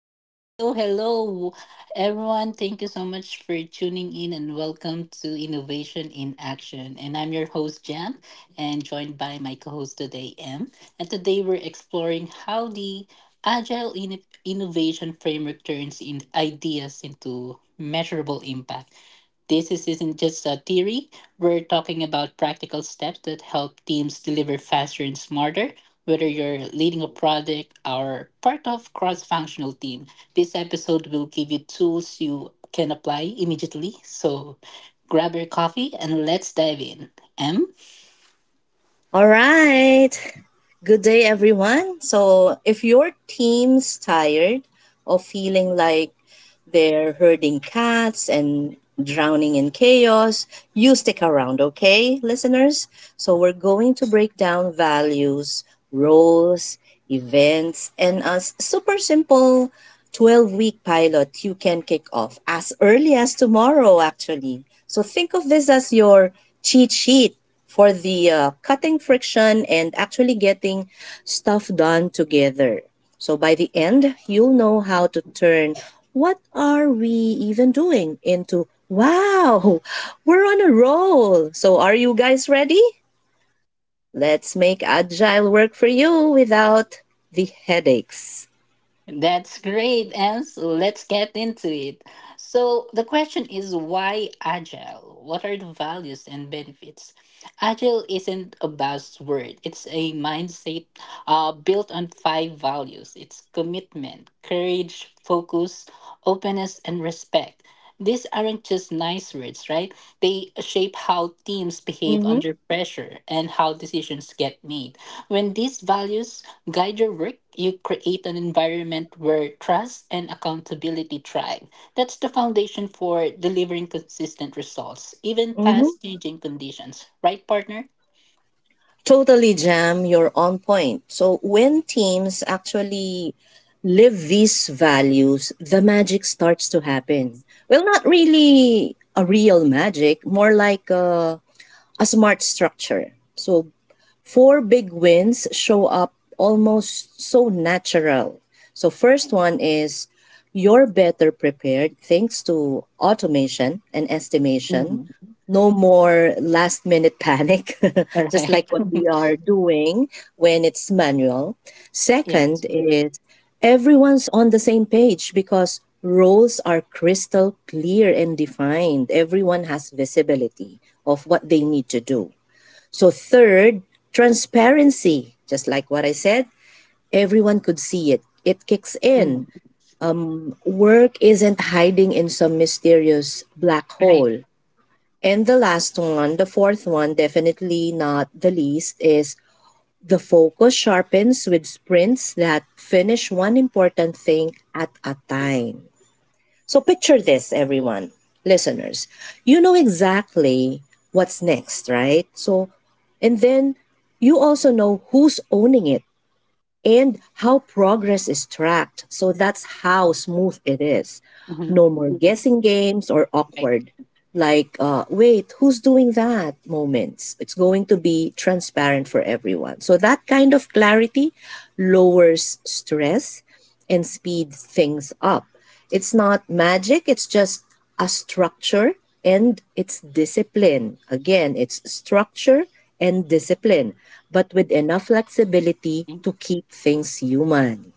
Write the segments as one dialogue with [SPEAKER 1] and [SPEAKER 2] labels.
[SPEAKER 1] Yes, hello, hello, everyone. Thank you so much for tuning in and welcome to Innovation in Action. And I'm your host, Jam, and joined by my co host today, M. And today we're exploring how the Innovation Framework turns in ideas into measurable impact. This isn't just a theory. We're talking about practical steps that help teams deliver faster and smarter, whether you're leading a project or part of cross-functional team. This episode will give you tools you can apply immediately. So grab your coffee and let's dive in. M?
[SPEAKER 2] All right. Good day, everyone. So, if your team's tired or feeling like they're herding cats and drowning in chaos, you stick around, okay, listeners? So, we're going to break down values, roles, events, and a super simple 12-week pilot you can kick off as early as tomorrow, actually. So, think of this as your cheat sheet for the cutting friction and actually getting stuff done together. So by the end, you'll know how to turn what are we even doing into wow, we're on a roll. So are you guys ready? Let's make agile work for you without the headaches.
[SPEAKER 1] That's great, and so let's get into it. So, the question is why agile? What are the values and benefits? Agile isn't a buzzword, it's a mindset built on five values it's commitment, courage, focus, openness, and respect. These aren't just nice words, right? They shape how teams behave
[SPEAKER 2] Mm-hmm.
[SPEAKER 1] under pressure and how decisions get made. When these values guide your work, you create an environment where trust and accountability thrive. That's the foundation for delivering consistent results, even
[SPEAKER 2] Mm-hmm.
[SPEAKER 1] past changing conditions. Right, partner?
[SPEAKER 2] Totally, Jam, you're on point. So when teams actually live these values, the magic starts to happen. Well, not really a real magic, more like a smart structure. So four big wins show up almost so natural. So, first one is you're better prepared thanks to automation and estimation.
[SPEAKER 1] Mhm.
[SPEAKER 2] No more last minute panic, just like
[SPEAKER 1] Right.
[SPEAKER 2] what we are doing when it's manual.
[SPEAKER 1] Yes.
[SPEAKER 2] Second is everyone's on the same page because roles are crystal clear and defined. Everyone has visibility of what they need to do. So, third, transparency. Just like what I said, everyone could see it. It kicks in.
[SPEAKER 1] Mhm.
[SPEAKER 2] Work isn't hiding in some mysterious black
[SPEAKER 1] Right.
[SPEAKER 2] hole. And the last one, the fourth one, definitely not the least, is the focus sharpens with sprints that finish one important thing at a time. So picture this, everyone, listeners. You know exactly what's next, right? So, and then you also know who's owning it and how progress is tracked. So that's how smooth it is.
[SPEAKER 1] Mhm.
[SPEAKER 2] No more guessing games or
[SPEAKER 1] Right.
[SPEAKER 2] awkward, like, wait, who's doing that moments. It's going to be transparent for everyone. So that kind of clarity lowers stress and speed things up. It's not magic, it's just a structure and it's discipline. Again, it's structure and discipline, but with enough flexibility to keep things human.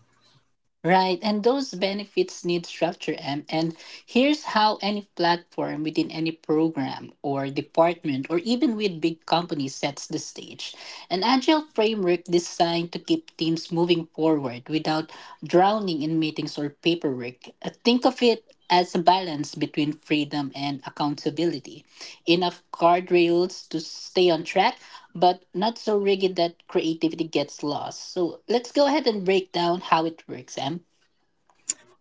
[SPEAKER 1] Right, and those benefits need structure and. Here's how any platform within any program or department or even with big companies sets the stage. An agile framework designed to keep teams moving forward without drowning in meetings or paperwork. Think of it as a balance between freedom and accountability. Enough guardrails to stay on track, but not so rigid that creativity gets lost. So let's go ahead and break down how it works, Em.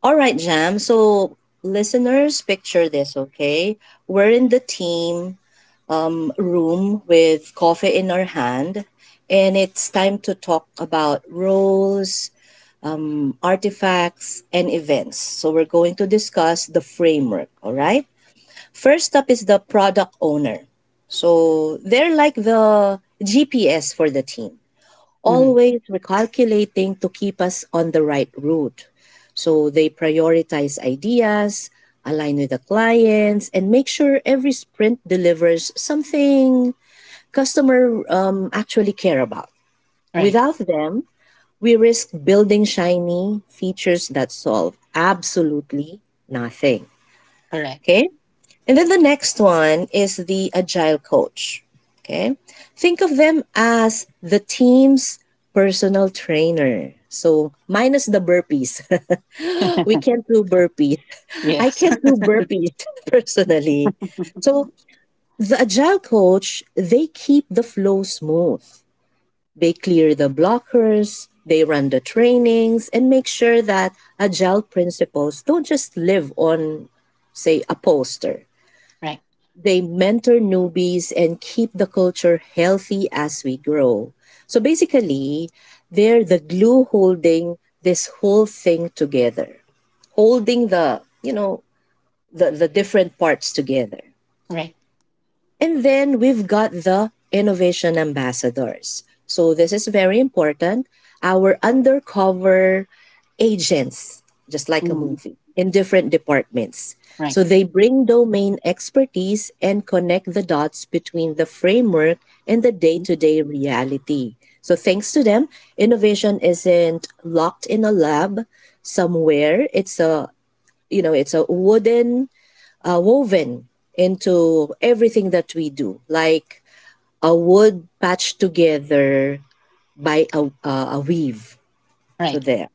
[SPEAKER 2] All right, Jam. So, listeners, picture this, okay? We're in the team room with coffee in our hand, and it's time to talk about roles, artifacts, and events. So we're going to discuss the framework, all right? First up is the product owner. So they're like the GPS for the team,
[SPEAKER 1] Hmm.
[SPEAKER 2] always recalculating to keep us on the right route. So they prioritize ideas, align with the clients, and make sure every sprint delivers something customer actually care about.
[SPEAKER 1] Right,
[SPEAKER 2] Without them, we risk building shiny features that solve absolutely nothing.
[SPEAKER 1] correct.
[SPEAKER 2] Okay. And then the next one is the agile coach. Okay. Think of them as the team's personal trainer. So minus the burpees. We can't do burpees. I
[SPEAKER 1] Yes.
[SPEAKER 2] can't do burpees personally. So the agile coach, they keep the flow smooth. They clear the blockers, they run the trainings, and make sure that agile principles don't just live on, say, a poster.
[SPEAKER 1] Right.
[SPEAKER 2] They mentor newbies and keep the culture healthy as we grow. So basically, they're the glue holding this whole thing together, holding the, you know, the different parts together.
[SPEAKER 1] Right.
[SPEAKER 2] And then we've got the innovation ambassadors. So this is very important. Our undercover agents, just like a
[SPEAKER 1] Mm.
[SPEAKER 2] movie, in different departments.
[SPEAKER 1] Right.
[SPEAKER 2] So they bring domain expertise and connect the dots between the framework and the day to day reality. So thanks to them, innovation isn't locked in a lab somewhere. It's a you know, it's a wooden woven into everything that we do, like a wood patched together by a weave. So
[SPEAKER 1] Right.
[SPEAKER 2] there.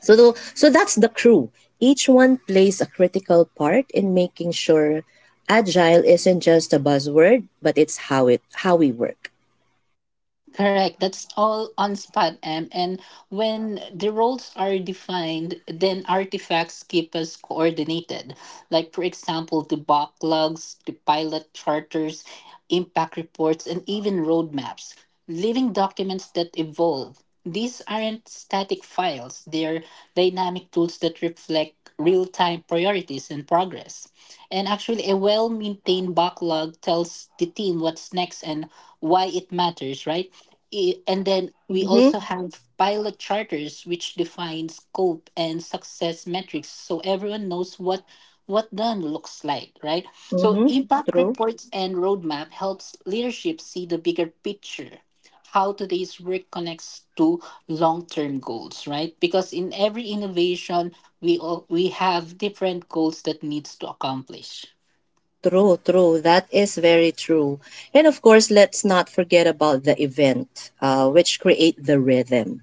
[SPEAKER 2] So that's the crew. Each one plays a critical part in making sure agile isn't just a buzzword, but it's how we work.
[SPEAKER 1] Correct. That's all on spot M. And when the roles are defined, then artifacts keep us coordinated. Like for example, the backlogs, the pilot charters, impact reports, and even roadmaps. Living documents that evolve. These aren't static files. They're dynamic tools that reflect real-time priorities and progress. And actually, a well-maintained backlog tells the team what's next and why it matters, right? And then we
[SPEAKER 2] Mm-hmm.
[SPEAKER 1] also have pilot charters which define scope and success metrics so everyone knows what done looks like, right? So
[SPEAKER 2] Mm-hmm.
[SPEAKER 1] impact
[SPEAKER 2] True.
[SPEAKER 1] reports and roadmap helps leadership see the bigger picture, how today's work connects to long-term goals, right? Because in every innovation we have different goals that needs to accomplish.
[SPEAKER 2] True, true. That is very true. And of course, let's not forget about the event which create the rhythm.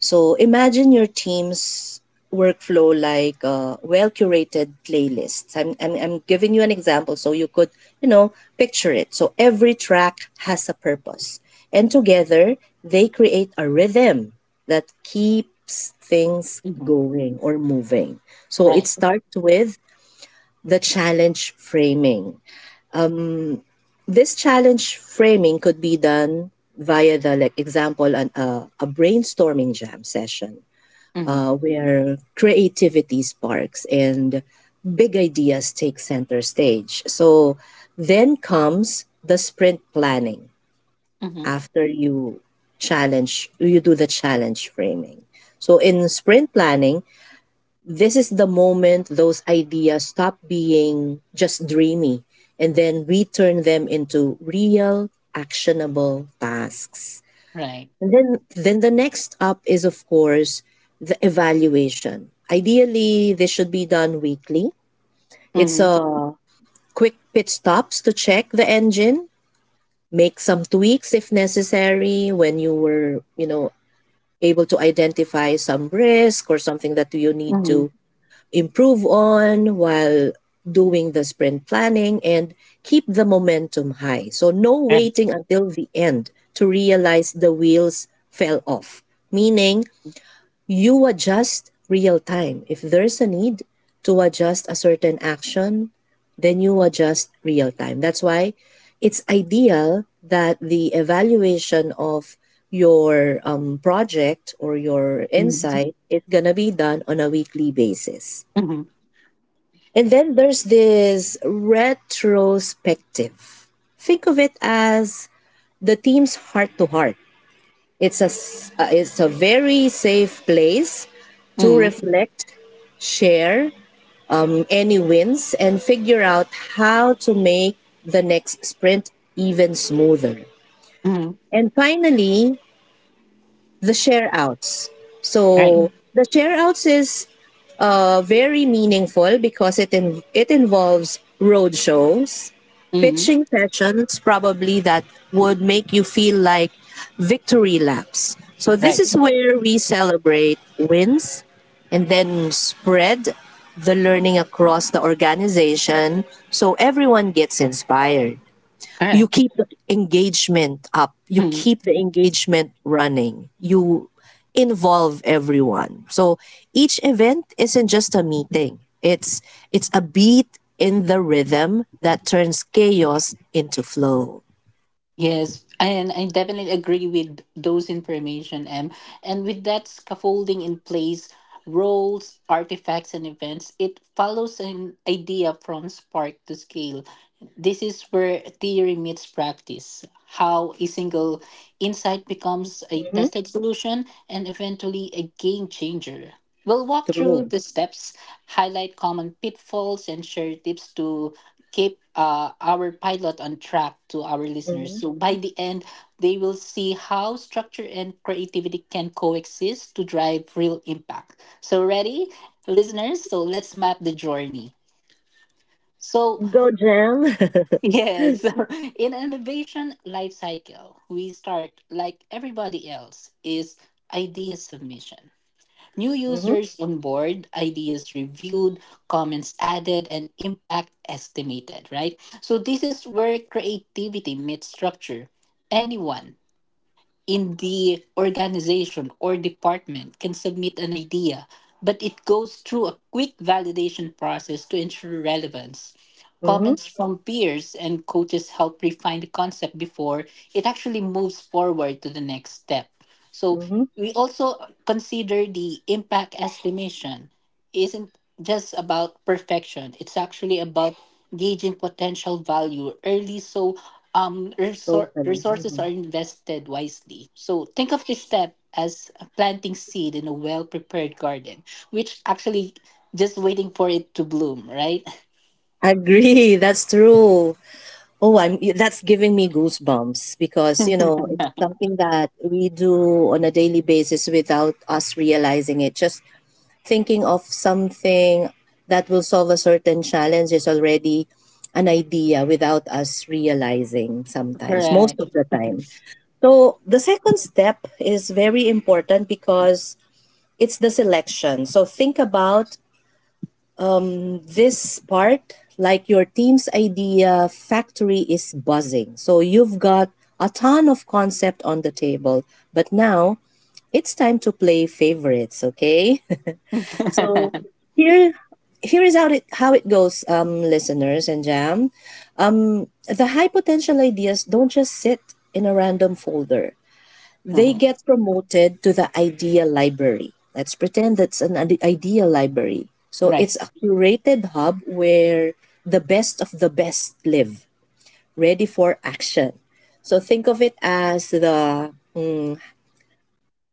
[SPEAKER 2] So imagine your team's workflow like a well-curated playlists. I'm giving you an example so you could, you know, picture it. So every track has a purpose. And together, they create a rhythm that keeps things
[SPEAKER 1] Mhm.
[SPEAKER 2] going or moving. So it
[SPEAKER 1] Right.
[SPEAKER 2] starts with the challenge framing. This challenge framing could be done via the like example a brainstorming jam session
[SPEAKER 1] Hmm.
[SPEAKER 2] where creativity sparks and big ideas take center stage. So then comes the sprint planning
[SPEAKER 1] Hmm.
[SPEAKER 2] after you challenge, you do the challenge framing. So in sprint planning, this is the moment those ideas stop being just dreamy and then we turn them into real actionable tasks.
[SPEAKER 1] Right.
[SPEAKER 2] And then the next up is, of course, the evaluation. Ideally, this should be done weekly. It's
[SPEAKER 1] Hmm.
[SPEAKER 2] a quick pit stops to check the engine, make some tweaks if necessary when you were, you know, able to identify some risk or something that you need
[SPEAKER 1] Hmm.
[SPEAKER 2] to improve on while doing the sprint planning and keep the momentum high. So no
[SPEAKER 1] Right.
[SPEAKER 2] waiting until the end to realize the wheels fell off meaning you adjust real time. If there's a need to adjust a certain action, then you adjust real time. That's why it's ideal that the evaluation of your project or your
[SPEAKER 1] Mm-hmm.
[SPEAKER 2] insight is going to be done on a weekly basis.
[SPEAKER 1] Mm-hmm.
[SPEAKER 2] And then there's this retrospective. Think of it as the team's heart to heart. It's it's a very safe place to
[SPEAKER 1] Mm.
[SPEAKER 2] reflect, share any wins, and figure out how to make the next sprint even smoother.
[SPEAKER 1] Mm.
[SPEAKER 2] And finally, the share outs.
[SPEAKER 1] Right.
[SPEAKER 2] So the share outs is very meaningful because it involves road shows,
[SPEAKER 1] Mm.
[SPEAKER 2] pitching sessions, probably that would make you feel like victory laps. So this
[SPEAKER 1] Right.
[SPEAKER 2] is where we celebrate wins and then spread the learning across the organization so everyone gets inspired. You
[SPEAKER 1] Correct.
[SPEAKER 2] keep the engagement up, you
[SPEAKER 1] Mm-hmm.
[SPEAKER 2] keep the engagement running, you involve everyone. So each event isn't just a meeting, it's a beat in the rhythm that turns chaos into flow.
[SPEAKER 1] Yes, and I definitely agree with those information, M. And with that scaffolding in place, roles, artifacts, and events, it follows an idea from spark to scale. This is where theory meets practice, how a single insight becomes a
[SPEAKER 2] Hmm.
[SPEAKER 1] tested solution and eventually a game changer. We'll walk
[SPEAKER 2] True.
[SPEAKER 1] through the steps, highlight common pitfalls, and share tips to keep our pilot on track to our listeners.
[SPEAKER 2] Mhm.
[SPEAKER 1] So by the end, they will see how structure and creativity can coexist to drive real impact. So ready, listeners? So let's map the journey. So
[SPEAKER 2] Go, Jam.
[SPEAKER 1] yes, in an innovation life cycle, we start like everybody else is idea submission. New users on board, ideas reviewed, comments added, and impact estimated, right? So this is where creativity meets structure. Anyone in the organization or department can submit an idea, but it goes through a quick validation process to ensure relevance.
[SPEAKER 2] Mm-hmm.
[SPEAKER 1] Comments from peers and coaches help refine the concept before it actually moves forward to the next step. So,
[SPEAKER 2] Mm-hmm.
[SPEAKER 1] we also consider the impact estimation isn't just about perfection, it's actually about gauging potential value early so
[SPEAKER 2] Totally.
[SPEAKER 1] resources
[SPEAKER 2] Mm-hmm.
[SPEAKER 1] are invested wisely. So think of this step as planting seed in a well prepared garden, which actually just waiting for it to bloom, right?
[SPEAKER 2] Agree. That's true. Oh, I'm that's giving me goosebumps because, you know, it's something that we do on a daily basis without us realizing it. Just thinking of something that will solve a certain challenge is already an idea without us realizing sometimes, most
[SPEAKER 1] Correct.
[SPEAKER 2] of the time. So the second step is very important because it's the selection. So think about this part, like your team's idea factory is buzzing. So you've got a ton of concept on the table, but now it's time to play favorites, okay? So here here is how it goes, listeners and Jam. The high potential ideas don't just sit in a random folder, they
[SPEAKER 1] Mhm.
[SPEAKER 2] get promoted to the idea library. Let's pretend that's an idea library. So
[SPEAKER 1] Right.
[SPEAKER 2] it's a curated hub where the best of the best live, ready for action. So think of it as the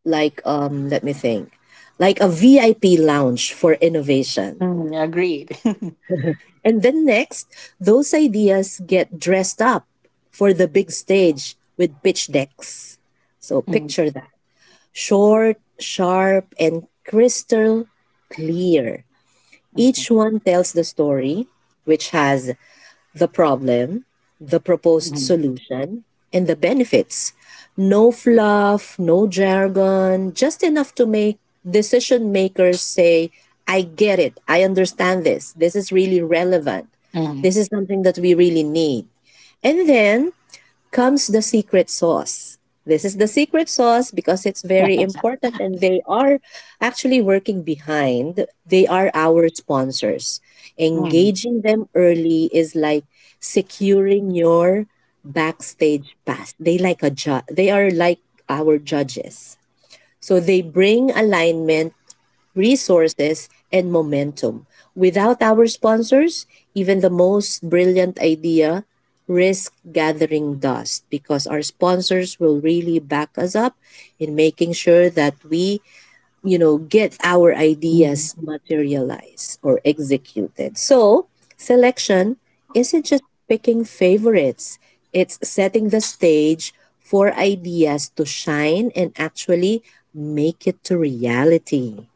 [SPEAKER 2] like let me think. Like a VIP lounge for innovation.
[SPEAKER 1] Mm, agreed.
[SPEAKER 2] And then next, those ideas get dressed up for the big stage with pitch decks. So
[SPEAKER 1] Mm.
[SPEAKER 2] picture that. Short, sharp, and crystal clear.
[SPEAKER 1] Mm.
[SPEAKER 2] Each one tells the story, which has the problem, the proposed
[SPEAKER 1] Mm.
[SPEAKER 2] solution, and the benefits. No fluff, no jargon, just enough to make decision makers say, I get it, I understand this, this is really relevant,
[SPEAKER 1] Mm. Mm.
[SPEAKER 2] this is something that we really need. And then comes the secret sauce. This is the secret sauce because it's very important and they are actually working behind. They are our sponsors.
[SPEAKER 1] Mm.
[SPEAKER 2] Engaging them early is like securing your backstage pass. They like they are like our judges. So they bring alignment resources, and momentum. Without our sponsors, even the most brilliant idea risk gathering dust because our sponsors will really back us up in making sure that we you know get our
[SPEAKER 1] Mm.
[SPEAKER 2] ideas materialized or executed. So selection isn't just picking favorites, it's setting the stage for ideas to shine and actually make it to reality.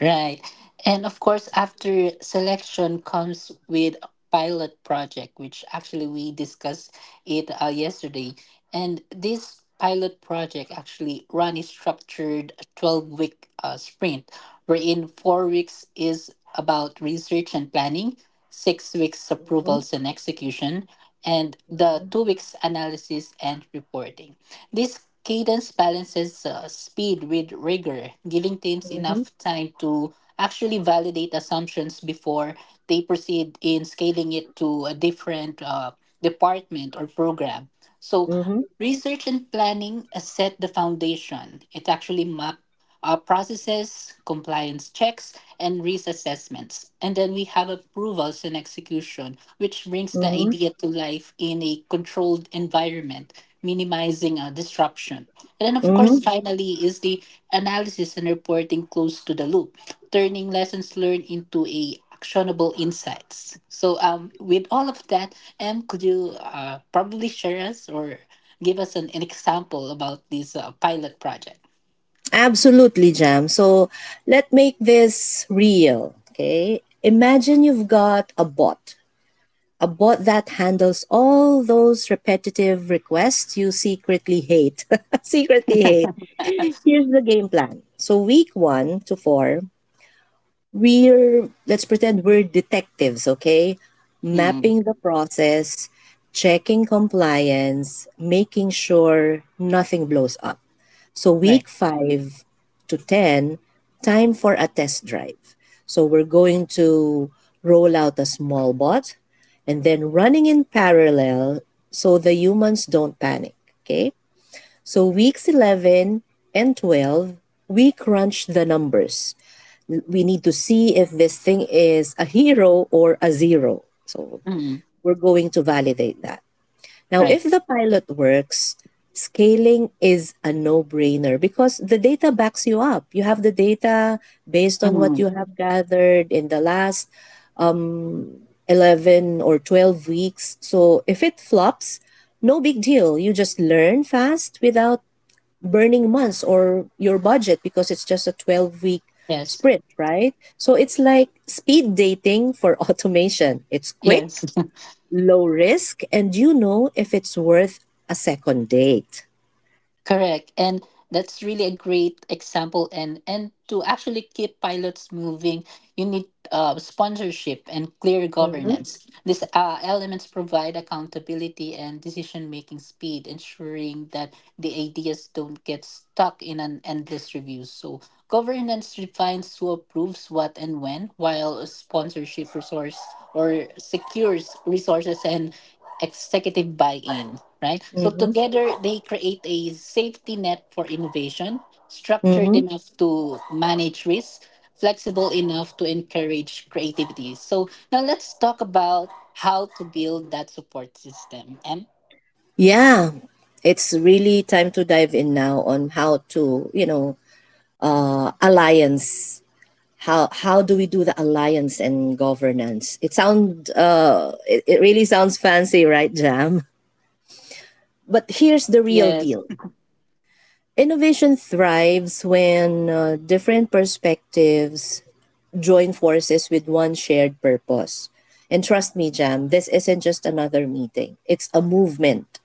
[SPEAKER 1] Right. And of course, after selection comes with a pilot project, which actually we discussed it yesterday. And this pilot project actually run is structured a 12-week sprint, wherein 4 weeks is about research and planning, 6 weeks approvals and execution, and the 2 weeks analysis and reporting. This cadence balances speed with rigor, giving teams
[SPEAKER 2] Mm-hmm.
[SPEAKER 1] enough time to actually validate assumptions before they proceed in scaling it to a different department or program. So,
[SPEAKER 2] Mm-hmm.
[SPEAKER 1] research and planning set the foundation. It actually mapped processes, compliance checks, and risk assessments. And then we have approvals and execution, which brings the
[SPEAKER 2] Mm-hmm.
[SPEAKER 1] idea to life in a controlled environment, minimizing disruption. And then, of course,
[SPEAKER 2] Mm-hmm.
[SPEAKER 1] finally, is the analysis and reporting close to the loop, turning lessons learned into a actionable insights. So, with all of that, Em, could you probably share us or give us an example about this pilot project?
[SPEAKER 2] Absolutely, Jam. So let make this real. Okay. Imagine you've got a bot that handles all those repetitive requests you secretly hate. Secretly hate. Here's the game plan. So week one to four, we're let's pretend we're detectives. Okay,
[SPEAKER 1] Mm.
[SPEAKER 2] mapping the process, checking compliance, making sure nothing blows up. So
[SPEAKER 1] Right.
[SPEAKER 2] week five to 10, time for a test drive. So we're going to roll out a small bot and then running in parallel so the humans don't panic. Okay. So weeks 11 and 12, we crunch the numbers. We need to see if this thing is a hero or a zero. So
[SPEAKER 1] Mm.
[SPEAKER 2] we're going to validate that. Now, if
[SPEAKER 1] Right.
[SPEAKER 2] the pilot works, scaling is a no brainer because the data backs you up. You have the data based on what
[SPEAKER 1] Mm.
[SPEAKER 2] you have gathered in the last 11 or 12 weeks. So if it flops, no big deal. You just learn fast without burning months or your budget because it's just a 12-week
[SPEAKER 1] Yes.
[SPEAKER 2] sprint, right? So it's like speed dating for automation. It's quick,
[SPEAKER 1] Yes.
[SPEAKER 2] low risk, and you know if it's worth a second date.
[SPEAKER 1] Correct. And that's really a great example. And to actually keep pilots moving, you need sponsorship and clear
[SPEAKER 2] Mm-hmm.
[SPEAKER 1] governance. These elements provide accountability and decision making speed, ensuring that the ideas don't get stuck in an endless review. So governance defines who approves what and when, while sponsorship resource or secures resources and executive buy-in, right? So
[SPEAKER 2] Mm-hmm.
[SPEAKER 1] together they create a safety net for innovation, structured
[SPEAKER 2] Mm-hmm.
[SPEAKER 1] enough to manage risk, flexible enough to encourage creativity. So now let's talk about how to build that support system. M?
[SPEAKER 2] Yeah. It's really time to dive in now on how to, alliance. How do we do the alliance and governance? It really sounds fancy, right, Jam? But here's the real
[SPEAKER 1] Yes.
[SPEAKER 2] deal. Innovation thrives when different perspectives join forces with one shared purpose. And trust me, Jam, this isn't just another meeting, it's a movement.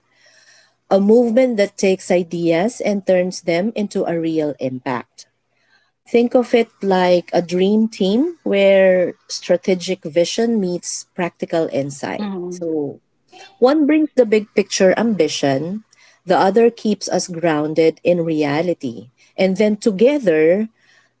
[SPEAKER 2] A movement that takes ideas and turns them into a real impact. Think of it like a dream team where strategic vision meets practical insight.
[SPEAKER 1] Mhm.
[SPEAKER 2] So, one brings the big picture ambition, the other keeps us grounded in reality. And then together,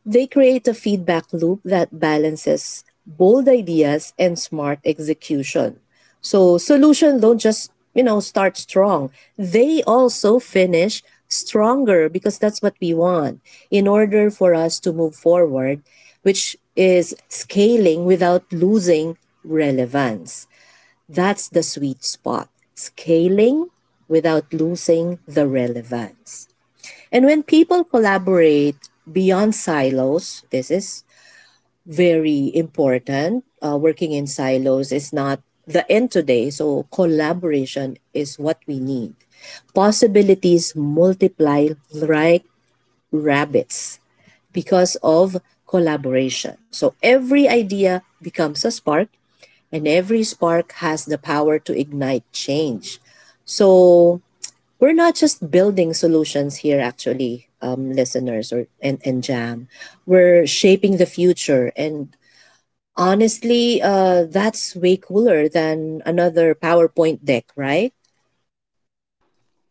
[SPEAKER 2] they create a feedback loop that balances bold ideas and smart execution. So solutions don't just, you know, start strong. They also finish stronger because that's what we want in order for us to move forward, which is scaling without losing relevance. That's the sweet spot. Scaling without losing the relevance. And when people collaborate beyond silos, this is very important. Working in silos is not the end today. So, collaboration is what we need. Possibilities multiply like rabbits because of collaboration. So, every idea becomes a spark, and every spark has the power to ignite change. So, we're not just building solutions here actually, listeners and jam, we're shaping the future, and honestly, that's way cooler than another powerpoint deck, right?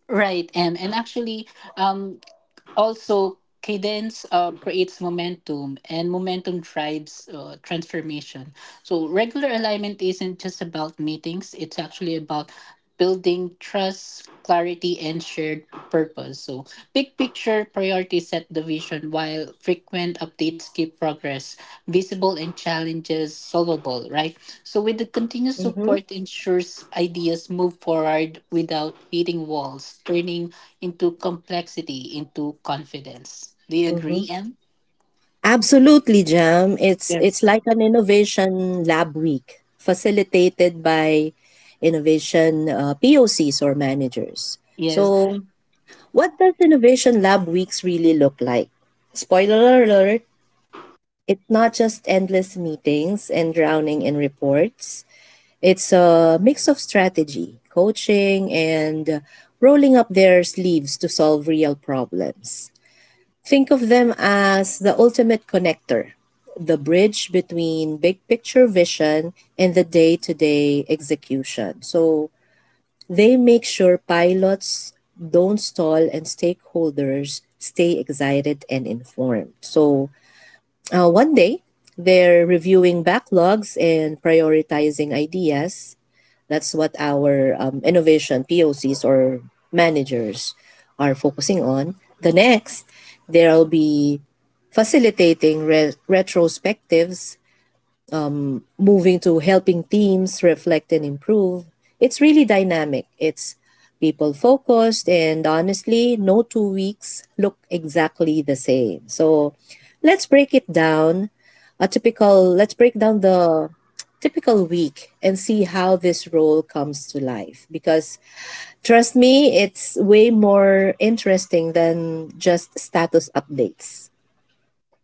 [SPEAKER 1] Right, M. And actually, um, also, cadence creates momentum, and momentum drives transformation. So, regular alignment isn't just about meetings, it's actually about building trust, clarity, and shared purpose. So, big picture priorities set the vision, while frequent updates keep progress visible and challenges solvable, right? So, with the continuous
[SPEAKER 2] Mm-hmm.
[SPEAKER 1] support, ensures ideas move forward without hitting walls, turning into complexity, into confidence. Do you
[SPEAKER 2] Mm-hmm.
[SPEAKER 1] agree, Em?
[SPEAKER 2] Absolutely, Jam. It's
[SPEAKER 1] Yes.
[SPEAKER 2] like an innovation lab week facilitated by innovation POCs or managers.
[SPEAKER 1] Yes,
[SPEAKER 2] So, what does innovation lab weeks really look like? Spoiler alert, it's not just endless meetings and drowning in reports. It's a mix of strategy, coaching, and rolling up their sleeves to solve real problems. Think of them as the ultimate connector, the bridge between big picture vision and the day to day execution. So they make sure pilots don't stall and stakeholders stay excited and informed. So one day, they're reviewing backlogs and prioritizing ideas. That's what our innovation POCs or managers are focusing on. The next, there will be facilitating retrospectives, moving to helping teams reflect and improve. It's really dynamic. It's people focused, and honestly, no 2 weeks look exactly the same. So let's break it down. Let's break down the typical week and see how this role comes to life. Because trust me, it's way more interesting than just status updates.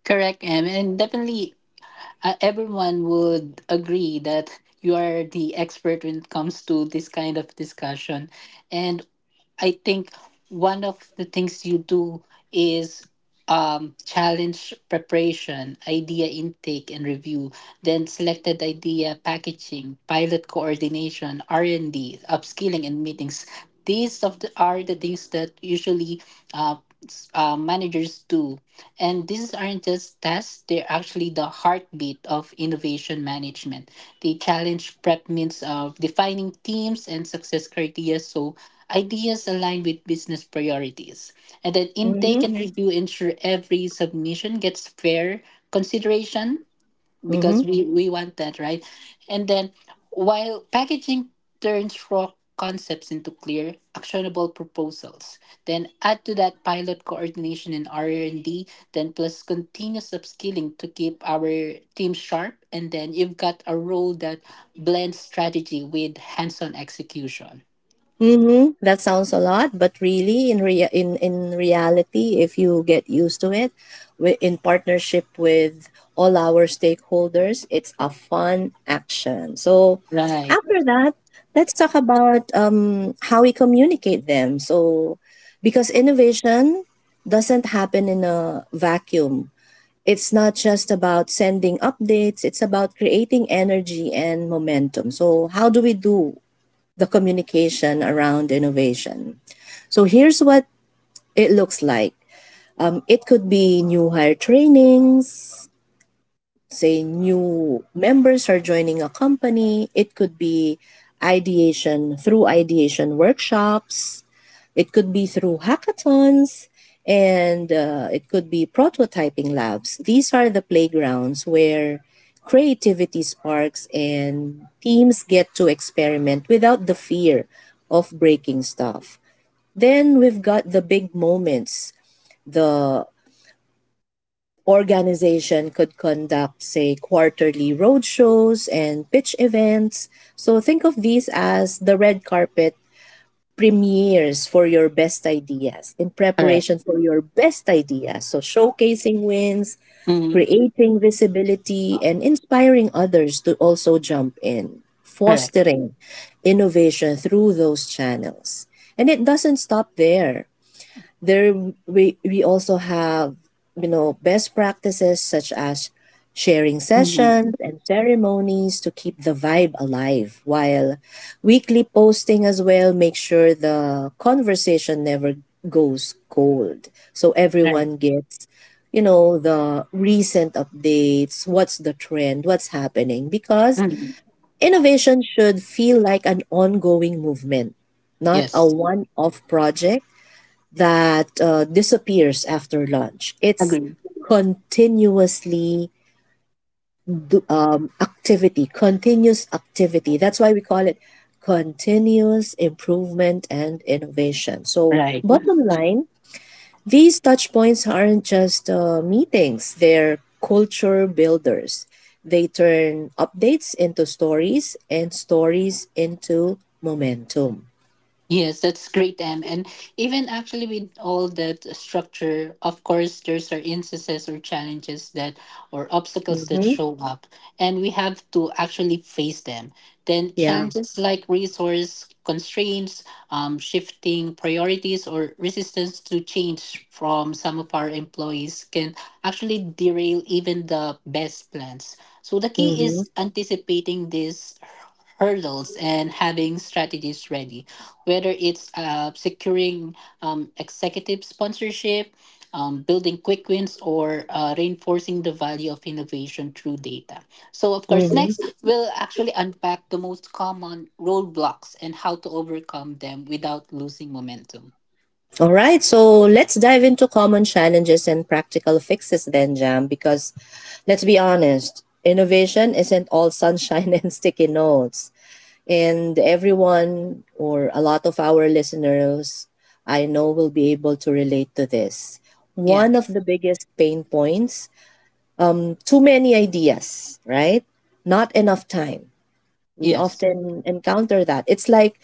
[SPEAKER 1] correct, Em. And definitely, everyone would agree that you are the expert when it comes to this kind of discussion. And I think one of the things you do is challenge preparation, idea intake and review, then selected idea packaging, pilot coordination, R&D, upskilling and meetings. These are the things that usually uh, managers do. And these aren't just tasks, they're actually the heartbeat of innovation management. They challenge prep means of defining teams and success criteria so ideas align with business priorities, and then
[SPEAKER 2] Mm-hmm.
[SPEAKER 1] intake and review ensure every submission gets fair consideration because we want that, right? And then while packaging turns raw concepts into clear, actionable proposals, then add to that pilot coordination and R&D, then plus continuous upskilling to keep our team sharp, and then you've got a role that blends strategy with hands-on execution.
[SPEAKER 2] Mm-hmm. That sounds a lot, but really, in reality, if you get used to it, in partnership with all our stakeholders, it's a fun action. So,
[SPEAKER 1] Right.
[SPEAKER 2] after that, let's talk about how we communicate them. So, because innovation doesn't happen in a vacuum. It's not just about sending updates. It's about creating energy and momentum. So, how do we do the communication around innovation? So here's what it looks like. It could be new hire trainings, say new members are joining a company. It could be ideation through ideation workshops, it could be through hackathons, and it could be prototyping labs. These are the playgrounds where creativity sparks and teams get to experiment without the fear of breaking stuff. Then we've got the big moments. The organization could conduct, say, quarterly roadshows and pitch events. So think of these as the red carpet premieres for your best ideas, in
[SPEAKER 1] Correct.
[SPEAKER 2] preparation for your best ideas. So showcasing wins,
[SPEAKER 1] Mm-hmm.
[SPEAKER 2] creating visibility, and inspiring others to also jump in,
[SPEAKER 1] Correct.
[SPEAKER 2] fostering innovation through those channels. And it doesn't stop there. There we also have, you know, best practices such as sharing sessions
[SPEAKER 1] Mm-hmm.
[SPEAKER 2] and ceremonies to keep the vibe alive, while weekly posting as well make sure the conversation never goes cold, so
[SPEAKER 1] Right.
[SPEAKER 2] everyone gets, you know, the recent updates, what's the trend, what's happening, because
[SPEAKER 1] Mm-hmm.
[SPEAKER 2] innovation should feel like an ongoing movement, not a
[SPEAKER 1] Yes.
[SPEAKER 2] one-off project that disappears after lunch. It's
[SPEAKER 1] Agree.
[SPEAKER 2] continuously activity, continuous activity. That's why we call it continuous improvement and innovation. So,
[SPEAKER 1] Right.
[SPEAKER 2] bottom line, these touch points aren't just meetings, they're culture builders. They turn updates into stories and stories into momentum.
[SPEAKER 1] Yes, that's great, Em. And even actually with all that structure, of course, there's our instances or challenges that or obstacles that
[SPEAKER 2] Mm-hmm.
[SPEAKER 1] show up, and we have to actually face them. Then
[SPEAKER 2] Yeah.
[SPEAKER 1] challenges like resource constraints, shifting priorities, or resistance to change from some of our employees can actually derail even the best plans. So the key
[SPEAKER 2] Mm-hmm.
[SPEAKER 1] is anticipating these hurdles and having strategies ready, whether it's securing executive sponsorship, building quick wins, or reinforcing the value of innovation through data. So, of course, next we'll actually unpack the most common roadblocks and how to overcome them without losing momentum.
[SPEAKER 2] All right, so let's dive into common challenges and practical fixes then, Jam, because let's be honest, innovation isn't all sunshine and sticky notes. And everyone, or a lot of our listeners, I know, will be able to relate to this. One
[SPEAKER 1] Yes.
[SPEAKER 2] of the biggest pain points: too many ideas, right? Not enough time. We
[SPEAKER 1] Yes.
[SPEAKER 2] often encounter that. It's like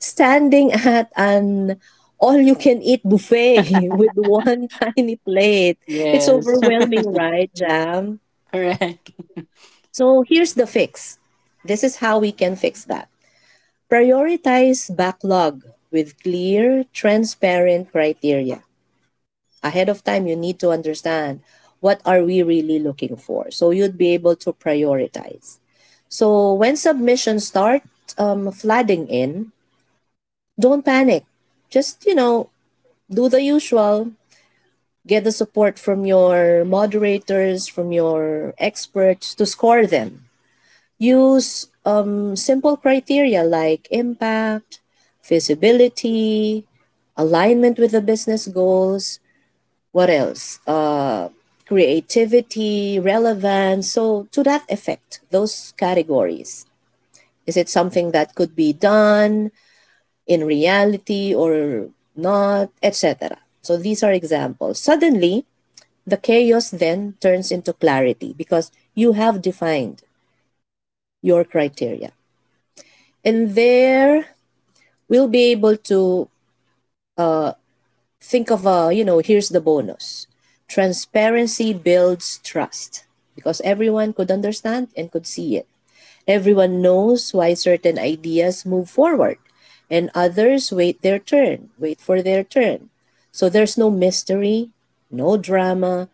[SPEAKER 2] standing at an all you can eat buffet with one tiny plate. It's
[SPEAKER 1] Yes.
[SPEAKER 2] overwhelming, right, Jam?
[SPEAKER 1] Correct.
[SPEAKER 2] So here's the fix. This is how we can fix that. Prioritize backlog with clear, transparent criteria. Ahead of time, you need to understand what are we really looking for, so you'd be able to prioritize. So when submissions start flooding in, don't panic. Just, you know, do the usual. Get the support from your moderators, from your experts to score them. Use simple criteria like impact, feasibility, alignment with the business goals. What else? Creativity, relevance. So, to that effect, those categories. Is it something that could be done in reality or not, etc.? So these are examples. Suddenly, the chaos then turns into clarity because you have defined your criteria. And there we'll be able to uh, think of a, you know, here's the bonus. Transparency builds trust because everyone could understand and could see it. Everyone knows why certain ideas move forward and others wait their turn, wait for their turn. So there's no mystery, no drama,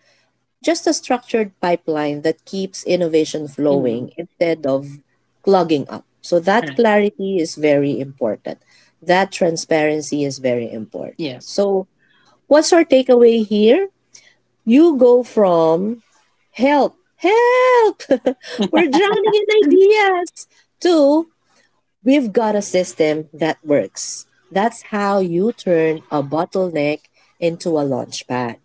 [SPEAKER 2] just a structured pipeline that keeps innovation flowing
[SPEAKER 1] Mhm.
[SPEAKER 2] instead of clogging up. So that
[SPEAKER 1] Correct.
[SPEAKER 2] clarity is very important. That transparency is very important.
[SPEAKER 1] Yes.
[SPEAKER 2] So, what's our takeaway here? You go from help, help, we're drowning in ideas, to we've got a system that works. That's how you turn a bottleneck into a launch pad.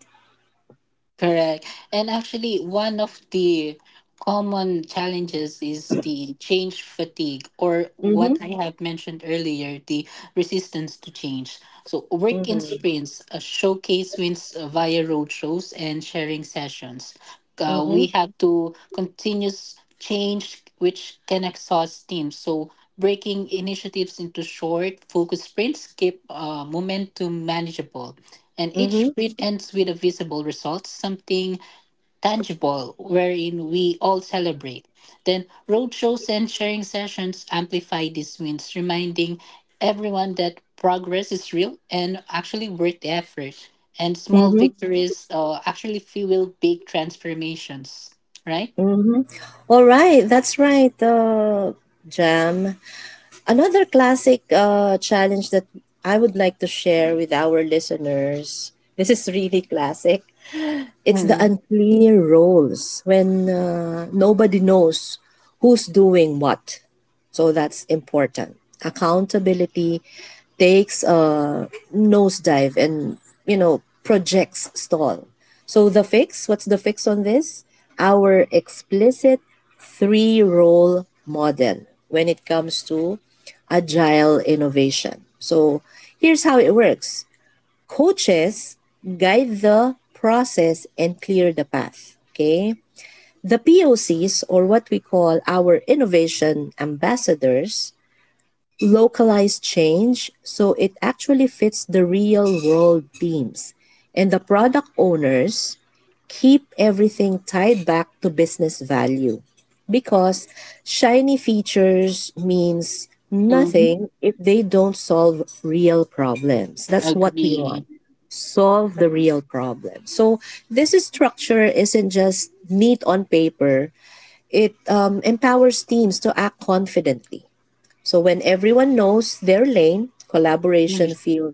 [SPEAKER 1] Correct. And actually, one of the common challenges is the change fatigue, or
[SPEAKER 2] Mm-hmm.
[SPEAKER 1] what I have mentioned earlier, the resistance to change. So, work in
[SPEAKER 2] Mm-hmm.
[SPEAKER 1] sprints, showcase wins via roadshows and sharing sessions.
[SPEAKER 2] Mm-hmm.
[SPEAKER 1] We have to continuous change, which can exhaust teams. So, breaking initiatives into short, focused sprints keep momentum manageable, and each
[SPEAKER 2] Mm-hmm.
[SPEAKER 1] sprint ends with a visible result, something tangible wherein we all celebrate. Then roadshows and sharing sessions amplify these wins, reminding everyone that progress is real and actually worth the effort. And small
[SPEAKER 2] Mm-hmm.
[SPEAKER 1] victories actually fuel big transformations, right?
[SPEAKER 2] Mm-hmm. All right, that's right, Jam. Another classic challenge that I would like to share with our listeners. This is really classic. It's the unclear roles when nobody knows who's doing what. So that's important. Accountability takes a nosedive and, you know, projects stall. So the fix, what's the fix on this? Our explicit three role model when it comes to agile innovation. So here's how it works. Coaches guide the process and clear the path. Okay? The POCs, or what we call our innovation ambassadors, localize change so it actually fits the real world themes. And the product owners keep everything tied back to business value, because shiny features means
[SPEAKER 1] Mm-hmm.
[SPEAKER 2] nothing if they don't solve real problems. That's what we want,
[SPEAKER 1] Agree.
[SPEAKER 2] solve the real problem. So this structure isn't just neat on paper. It empowers teams to act confidently. So when everyone knows their lane, collaboration feels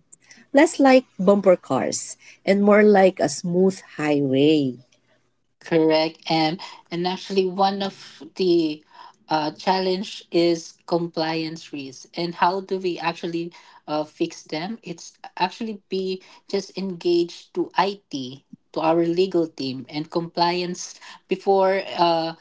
[SPEAKER 2] less like bumper cars and more like a smooth highway.
[SPEAKER 1] Correct. And actually one of the challenge is compliance risks and how do we actually fix them? It's actually be just engaged to IT, to our legal team and compliance before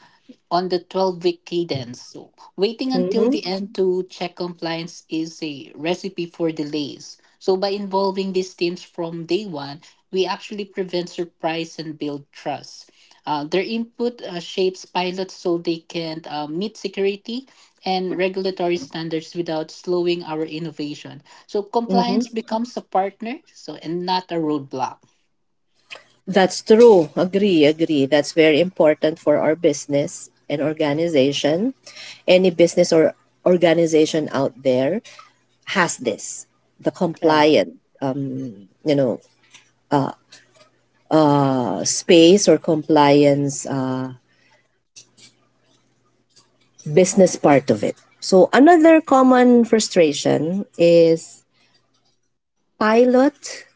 [SPEAKER 1] on the 12-week cadence. So waiting until the
[SPEAKER 2] Mm-hmm.
[SPEAKER 1] end to check compliance is a recipe for delays. So by involving these teams from day one, we actually prevent surprise and build trust. Their input shapes pilots so they can meet security and regulatory standards without slowing our innovation. So
[SPEAKER 2] Mm-hmm.
[SPEAKER 1] compliance becomes a partner, so and not a roadblock.
[SPEAKER 2] That's true. Agree, agree. That's very important for our business and organization. Any business or organization out there has this, the
[SPEAKER 1] Correct.
[SPEAKER 2] compliant, you know, space, or compliance, business part of it. So another common frustration is pilot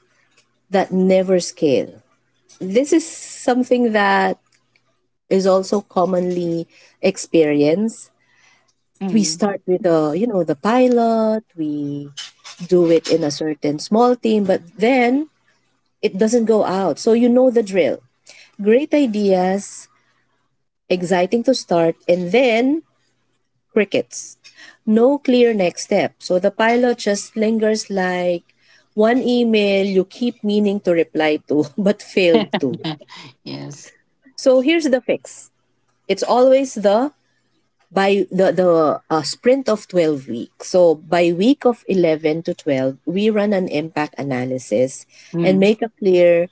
[SPEAKER 2] that never scale. This is something that is also commonly experienced. We
[SPEAKER 1] Mhm.
[SPEAKER 2] start with, the you know, the pilot, we do it in a certain small team, but then it doesn't go out. So you know the drill, great ideas, exciting to start, and then crickets. No clear next step. So the pilot just lingers like one email you keep meaning to reply to but failed to.
[SPEAKER 1] Yes.
[SPEAKER 2] So here's the fix. It's always the by the sprint of 12 weeks, so by week of 11 to 12 we run an impact analysis and
[SPEAKER 1] Mhm.
[SPEAKER 2] make a clear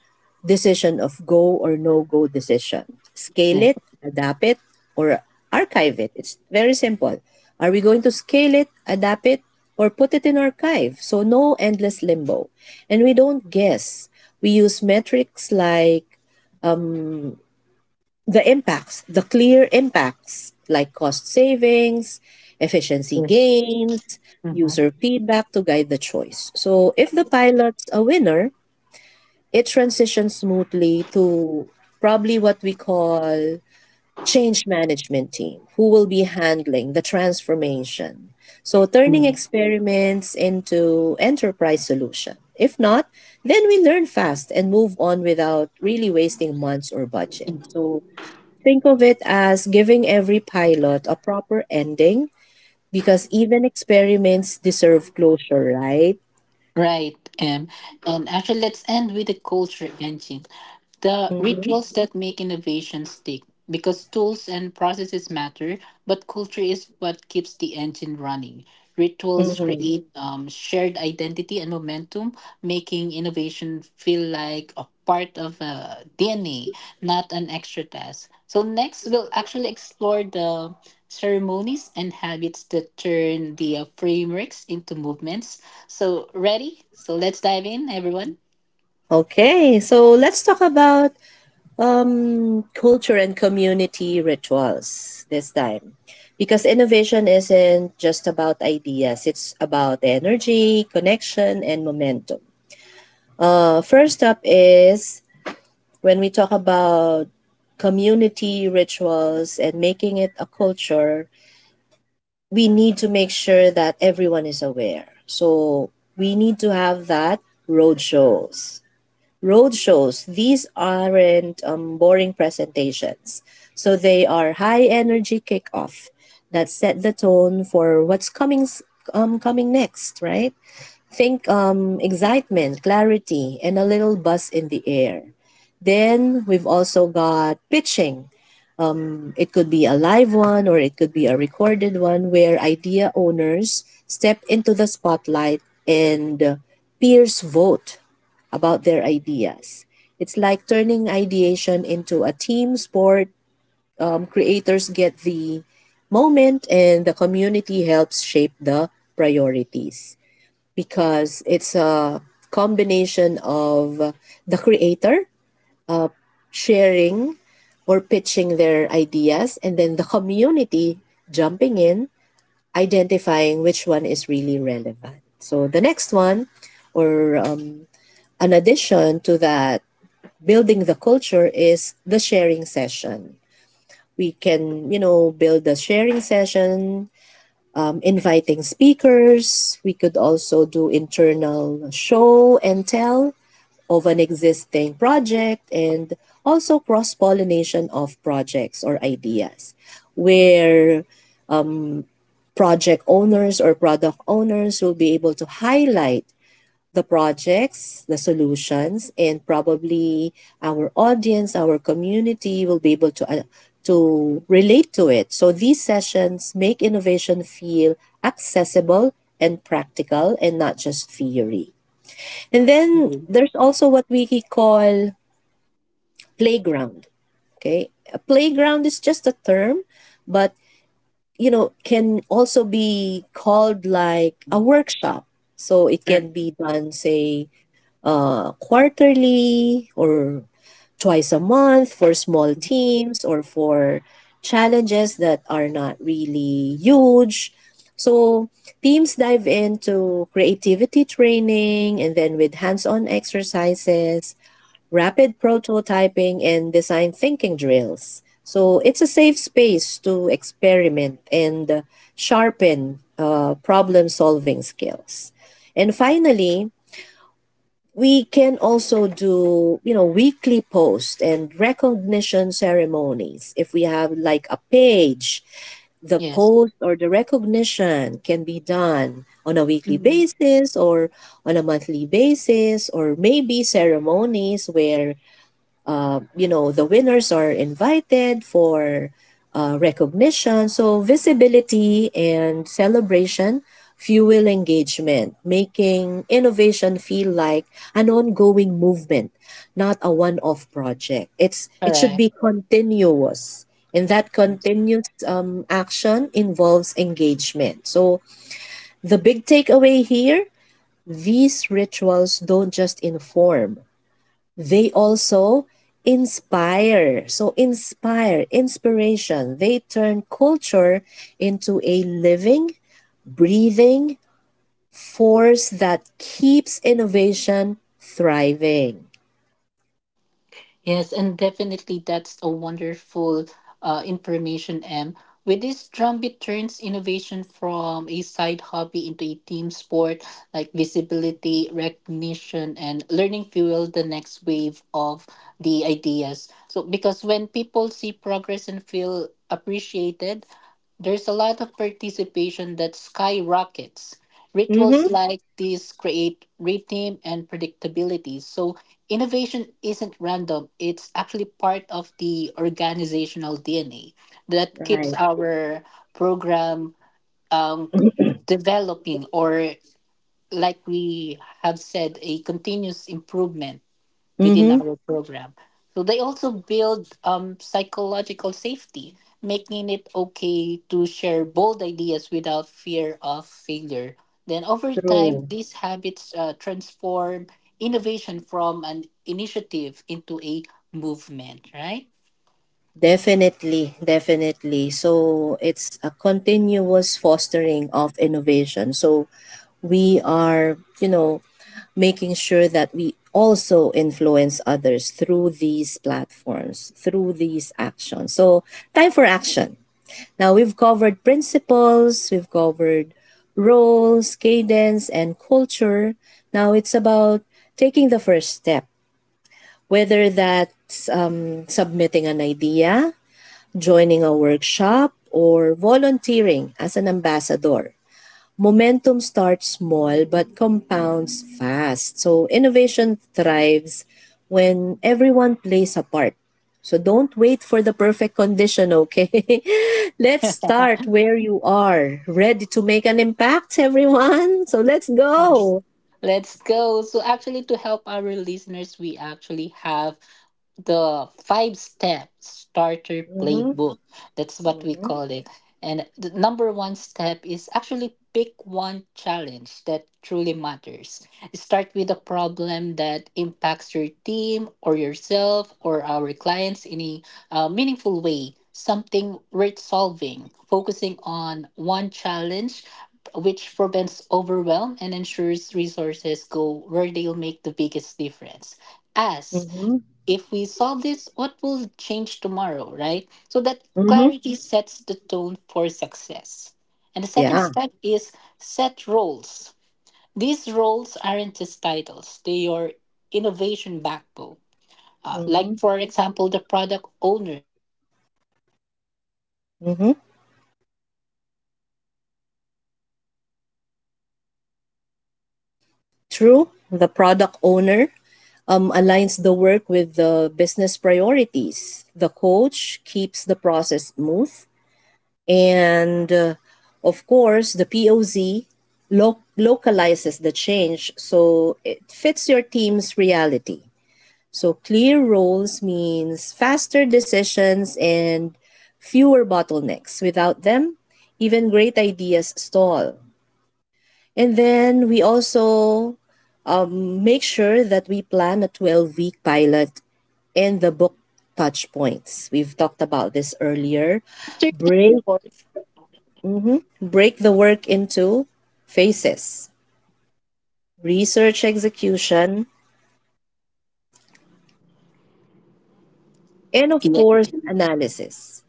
[SPEAKER 2] decision of go or no go decision. Scale
[SPEAKER 1] Yeah.
[SPEAKER 2] it, adapt it, or archive it. It's very simple. Are we going to scale it, adapt it, or put it in archive? So no endless limbo, and we don't guess. We use metrics like the impacts, the clear impacts like cost savings, efficiency
[SPEAKER 1] Yes.
[SPEAKER 2] gains,
[SPEAKER 1] Mm-hmm.
[SPEAKER 2] user feedback to guide the choice. So if the pilot's a winner, it transitions smoothly to probably what we call change management team who will be handling the transformation. So turning
[SPEAKER 1] Mm.
[SPEAKER 2] experiments into enterprise solution. If not, then we learn fast and move on without really wasting months or budget. So think of it as giving every pilot a proper ending, because even experiments deserve closure, right?
[SPEAKER 1] Right. And actually, let's end with the culture engine. The
[SPEAKER 2] Mm-hmm.
[SPEAKER 1] rituals that make innovation stick because tools and processes matter, but culture is what keeps the engine running. Rituals
[SPEAKER 2] Mm-hmm.
[SPEAKER 1] create shared identity and momentum, making innovation feel like a part of DNA, not an extra task. So, next, we'll actually explore the ceremonies and habits that turn the frameworks into movements. So, ready? So, let's dive in, everyone.
[SPEAKER 2] Okay, so let's talk about culture and community rituals this time. Because innovation isn't just about ideas, it's about energy, connection, and momentum. First up is when we talk about community rituals and making it a culture, we need to make sure that everyone is aware. So we need to have that road shows. Road shows, these aren't boring presentations. So they are high energy kickoff that set the tone for what's coming coming next, right? Think excitement, clarity, and a little buzz in the air. Then we've also got pitching, it could be a live one or it could be a recorded one where idea owners step into the spotlight and peers vote about their ideas. It's like turning ideation into a team sport. Creators get the moment and the community helps shape the priorities because it's a combination of the creator sharing or pitching their ideas, and then the community jumping in, identifying which one is really relevant. So the next one, or, an addition to that, building the culture is the sharing session. We can, build a sharing session, inviting speakers. We could also do internal show and tell of an existing project and also cross pollination of projects or ideas, where project owners or product owners will be able to highlight the projects, the solutions, and probably our audience, our community will be able to. To relate to it. So these sessions make innovation feel accessible and practical and not just theory. And then
[SPEAKER 1] Mhm.
[SPEAKER 2] there's also what we call playground. Okay, a playground is just a term, but can also be called like a workshop. So it
[SPEAKER 1] Sure.
[SPEAKER 2] can be done, say, quarterly or twice a month for small teams or for challenges that are not really huge. So teams dive into creativity training and then with hands-on exercises rapid prototyping, and design thinking drills. So it's a safe space to experiment and sharpen problem solving skills. And finally, we can also do weekly posts and recognition ceremonies if we have like a page the
[SPEAKER 1] Yes.
[SPEAKER 2] post or the recognition can be done on a weekly
[SPEAKER 1] Mhm.
[SPEAKER 2] basis or on a monthly basis or maybe ceremonies where the winners are invited for recognition so visibility and celebration fuel engagement making innovation feel like an ongoing movement not a one-off project it should
[SPEAKER 1] Correct.
[SPEAKER 2] be continuous and that continuous action involves engagement so the big takeaway here these rituals don't just inform they also inspire. So, inspire, inspiration. They turn culture into a living, breathing force that keeps innovation thriving.
[SPEAKER 1] Yes, and definitely that's a wonderful information, M. With this, Drumbeat turns innovation from a side hobby into a team sport, like visibility, recognition, and learning fuel the next wave of the ideas. So, because when people see progress and feel appreciated, there's a lot of participation that skyrockets. Rituals
[SPEAKER 2] Mm-hmm.
[SPEAKER 1] like these create rhythm and predictability. So innovation isn't random, it's actually part of the organizational DNA that keeps
[SPEAKER 2] Right.
[SPEAKER 1] our program um, developing or like we have said a continuous improvement within
[SPEAKER 2] Mm-hmm.
[SPEAKER 1] our program. So they also build psychological safety, making it okay to share bold ideas without fear of failure. Then over time,
[SPEAKER 2] True.
[SPEAKER 1] these habits transform innovation from an initiative into a movement, right?
[SPEAKER 2] Definitely, definitely. So it's a continuous fostering of innovation. So we are, making sure that we also influence others through these platforms, through these actions. So, time for action. Now, we've covered principles, we've covered roles, cadence, and culture. Now, it's about taking the first step, whether that's submitting an idea, joining a workshop, or volunteering as an ambassador. Momentum starts small but compounds fast. So innovation thrives when everyone plays a part. So don't wait for the perfect condition, okay? Let's start where you are, ready to make an impact, everyone. So let's
[SPEAKER 1] Yes.
[SPEAKER 2] go.
[SPEAKER 1] Let's go. So, actually, to help our listeners, we actually have the five step starter
[SPEAKER 2] Mm-hmm.
[SPEAKER 1] playbook. That's what we call it. And the number one step is actually pick one challenge that truly matters. Start with a problem that impacts your team or yourself or our clients in a meaningful way, something worth solving, focusing on one challenge. Which prevents overwhelm and ensures resources go where they'll make the biggest difference. Ask
[SPEAKER 2] Mm-hmm.
[SPEAKER 1] if we solve this, what will change tomorrow, right? So that
[SPEAKER 2] Mm-hmm.
[SPEAKER 1] clarity sets the tone for success. And the second
[SPEAKER 2] Yeah.
[SPEAKER 1] step is set roles. These roles aren't just titles, they are innovation backbone. Like,
[SPEAKER 2] Mm-hmm.
[SPEAKER 1] for example, the product owner
[SPEAKER 2] Mm-hmm. True. The product owner aligns the work with the business priorities. The coach keeps the process smooth. And Of course, the POZ localizes the change so it fits your team's reality. So clear roles means faster decisions and fewer bottlenecks. Without them, even great ideas stall. And then we also make sure that we plan a 12-week pilot and the book touch points. We've talked about this earlier.
[SPEAKER 3] After the
[SPEAKER 2] Break
[SPEAKER 3] fourth
[SPEAKER 2] Mhm. Break the work into phases research execution, and of course,
[SPEAKER 3] event.
[SPEAKER 2] analysis.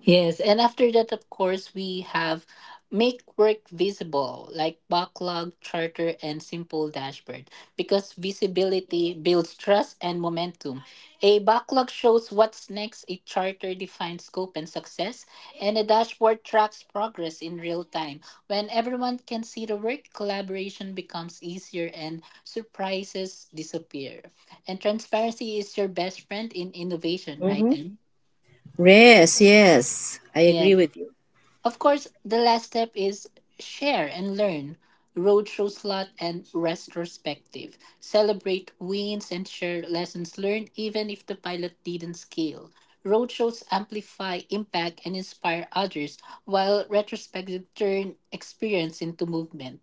[SPEAKER 3] Yes, and after that, of course, we have make work visible, like backlog, charter, and simple dashboard, because visibility builds trust and momentum. A backlog shows what's next, a charter defines scope and success, and a dashboard tracks progress in real time. When everyone can see the work, collaboration becomes easier and surprises disappear. And transparency is your best friend in innovation, right?
[SPEAKER 2] Mhm.
[SPEAKER 3] And
[SPEAKER 2] Yes, yes, I agree with you.
[SPEAKER 3] Of course, the last step is share and learn. Roadshow slot and retrospective. Celebrate wins and share lessons learned, even if the pilot didn't scale. Roadshows amplify impact and inspire others, while retrospective turn experience into movement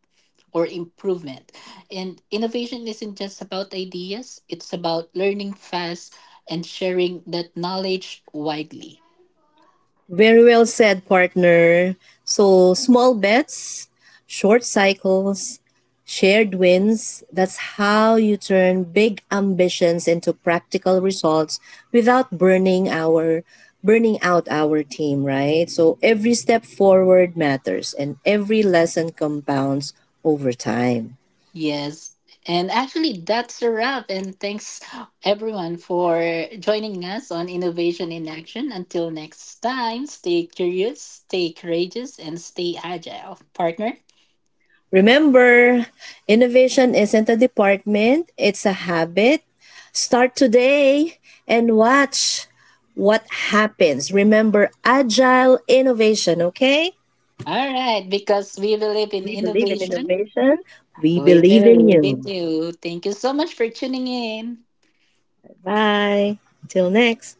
[SPEAKER 3] or improvement. And innovation isn't just about ideas, it's about learning fast and sharing that knowledge widely.
[SPEAKER 2] Very well said, partner. So, small bets, short cycles, shared wins that's how you turn big ambitions into practical results without burning out our team, right? So every step forward matters and every lesson compounds over time.
[SPEAKER 3] Yes. And actually, that's a wrap. And thanks everyone for joining us on Innovation in Action. Until next time, stay curious, stay courageous, and stay agile, partner.
[SPEAKER 2] Remember, innovation isn't a department, it's a habit. Start today and watch what happens. Remember, agile innovation, okay?
[SPEAKER 3] All right, because we believe in
[SPEAKER 2] We believe in
[SPEAKER 3] innovation,
[SPEAKER 2] innovation. We
[SPEAKER 3] we
[SPEAKER 2] believe in
[SPEAKER 3] believe in
[SPEAKER 2] you.
[SPEAKER 3] you. Thank you so much for tuning in.
[SPEAKER 2] Bye. Till next.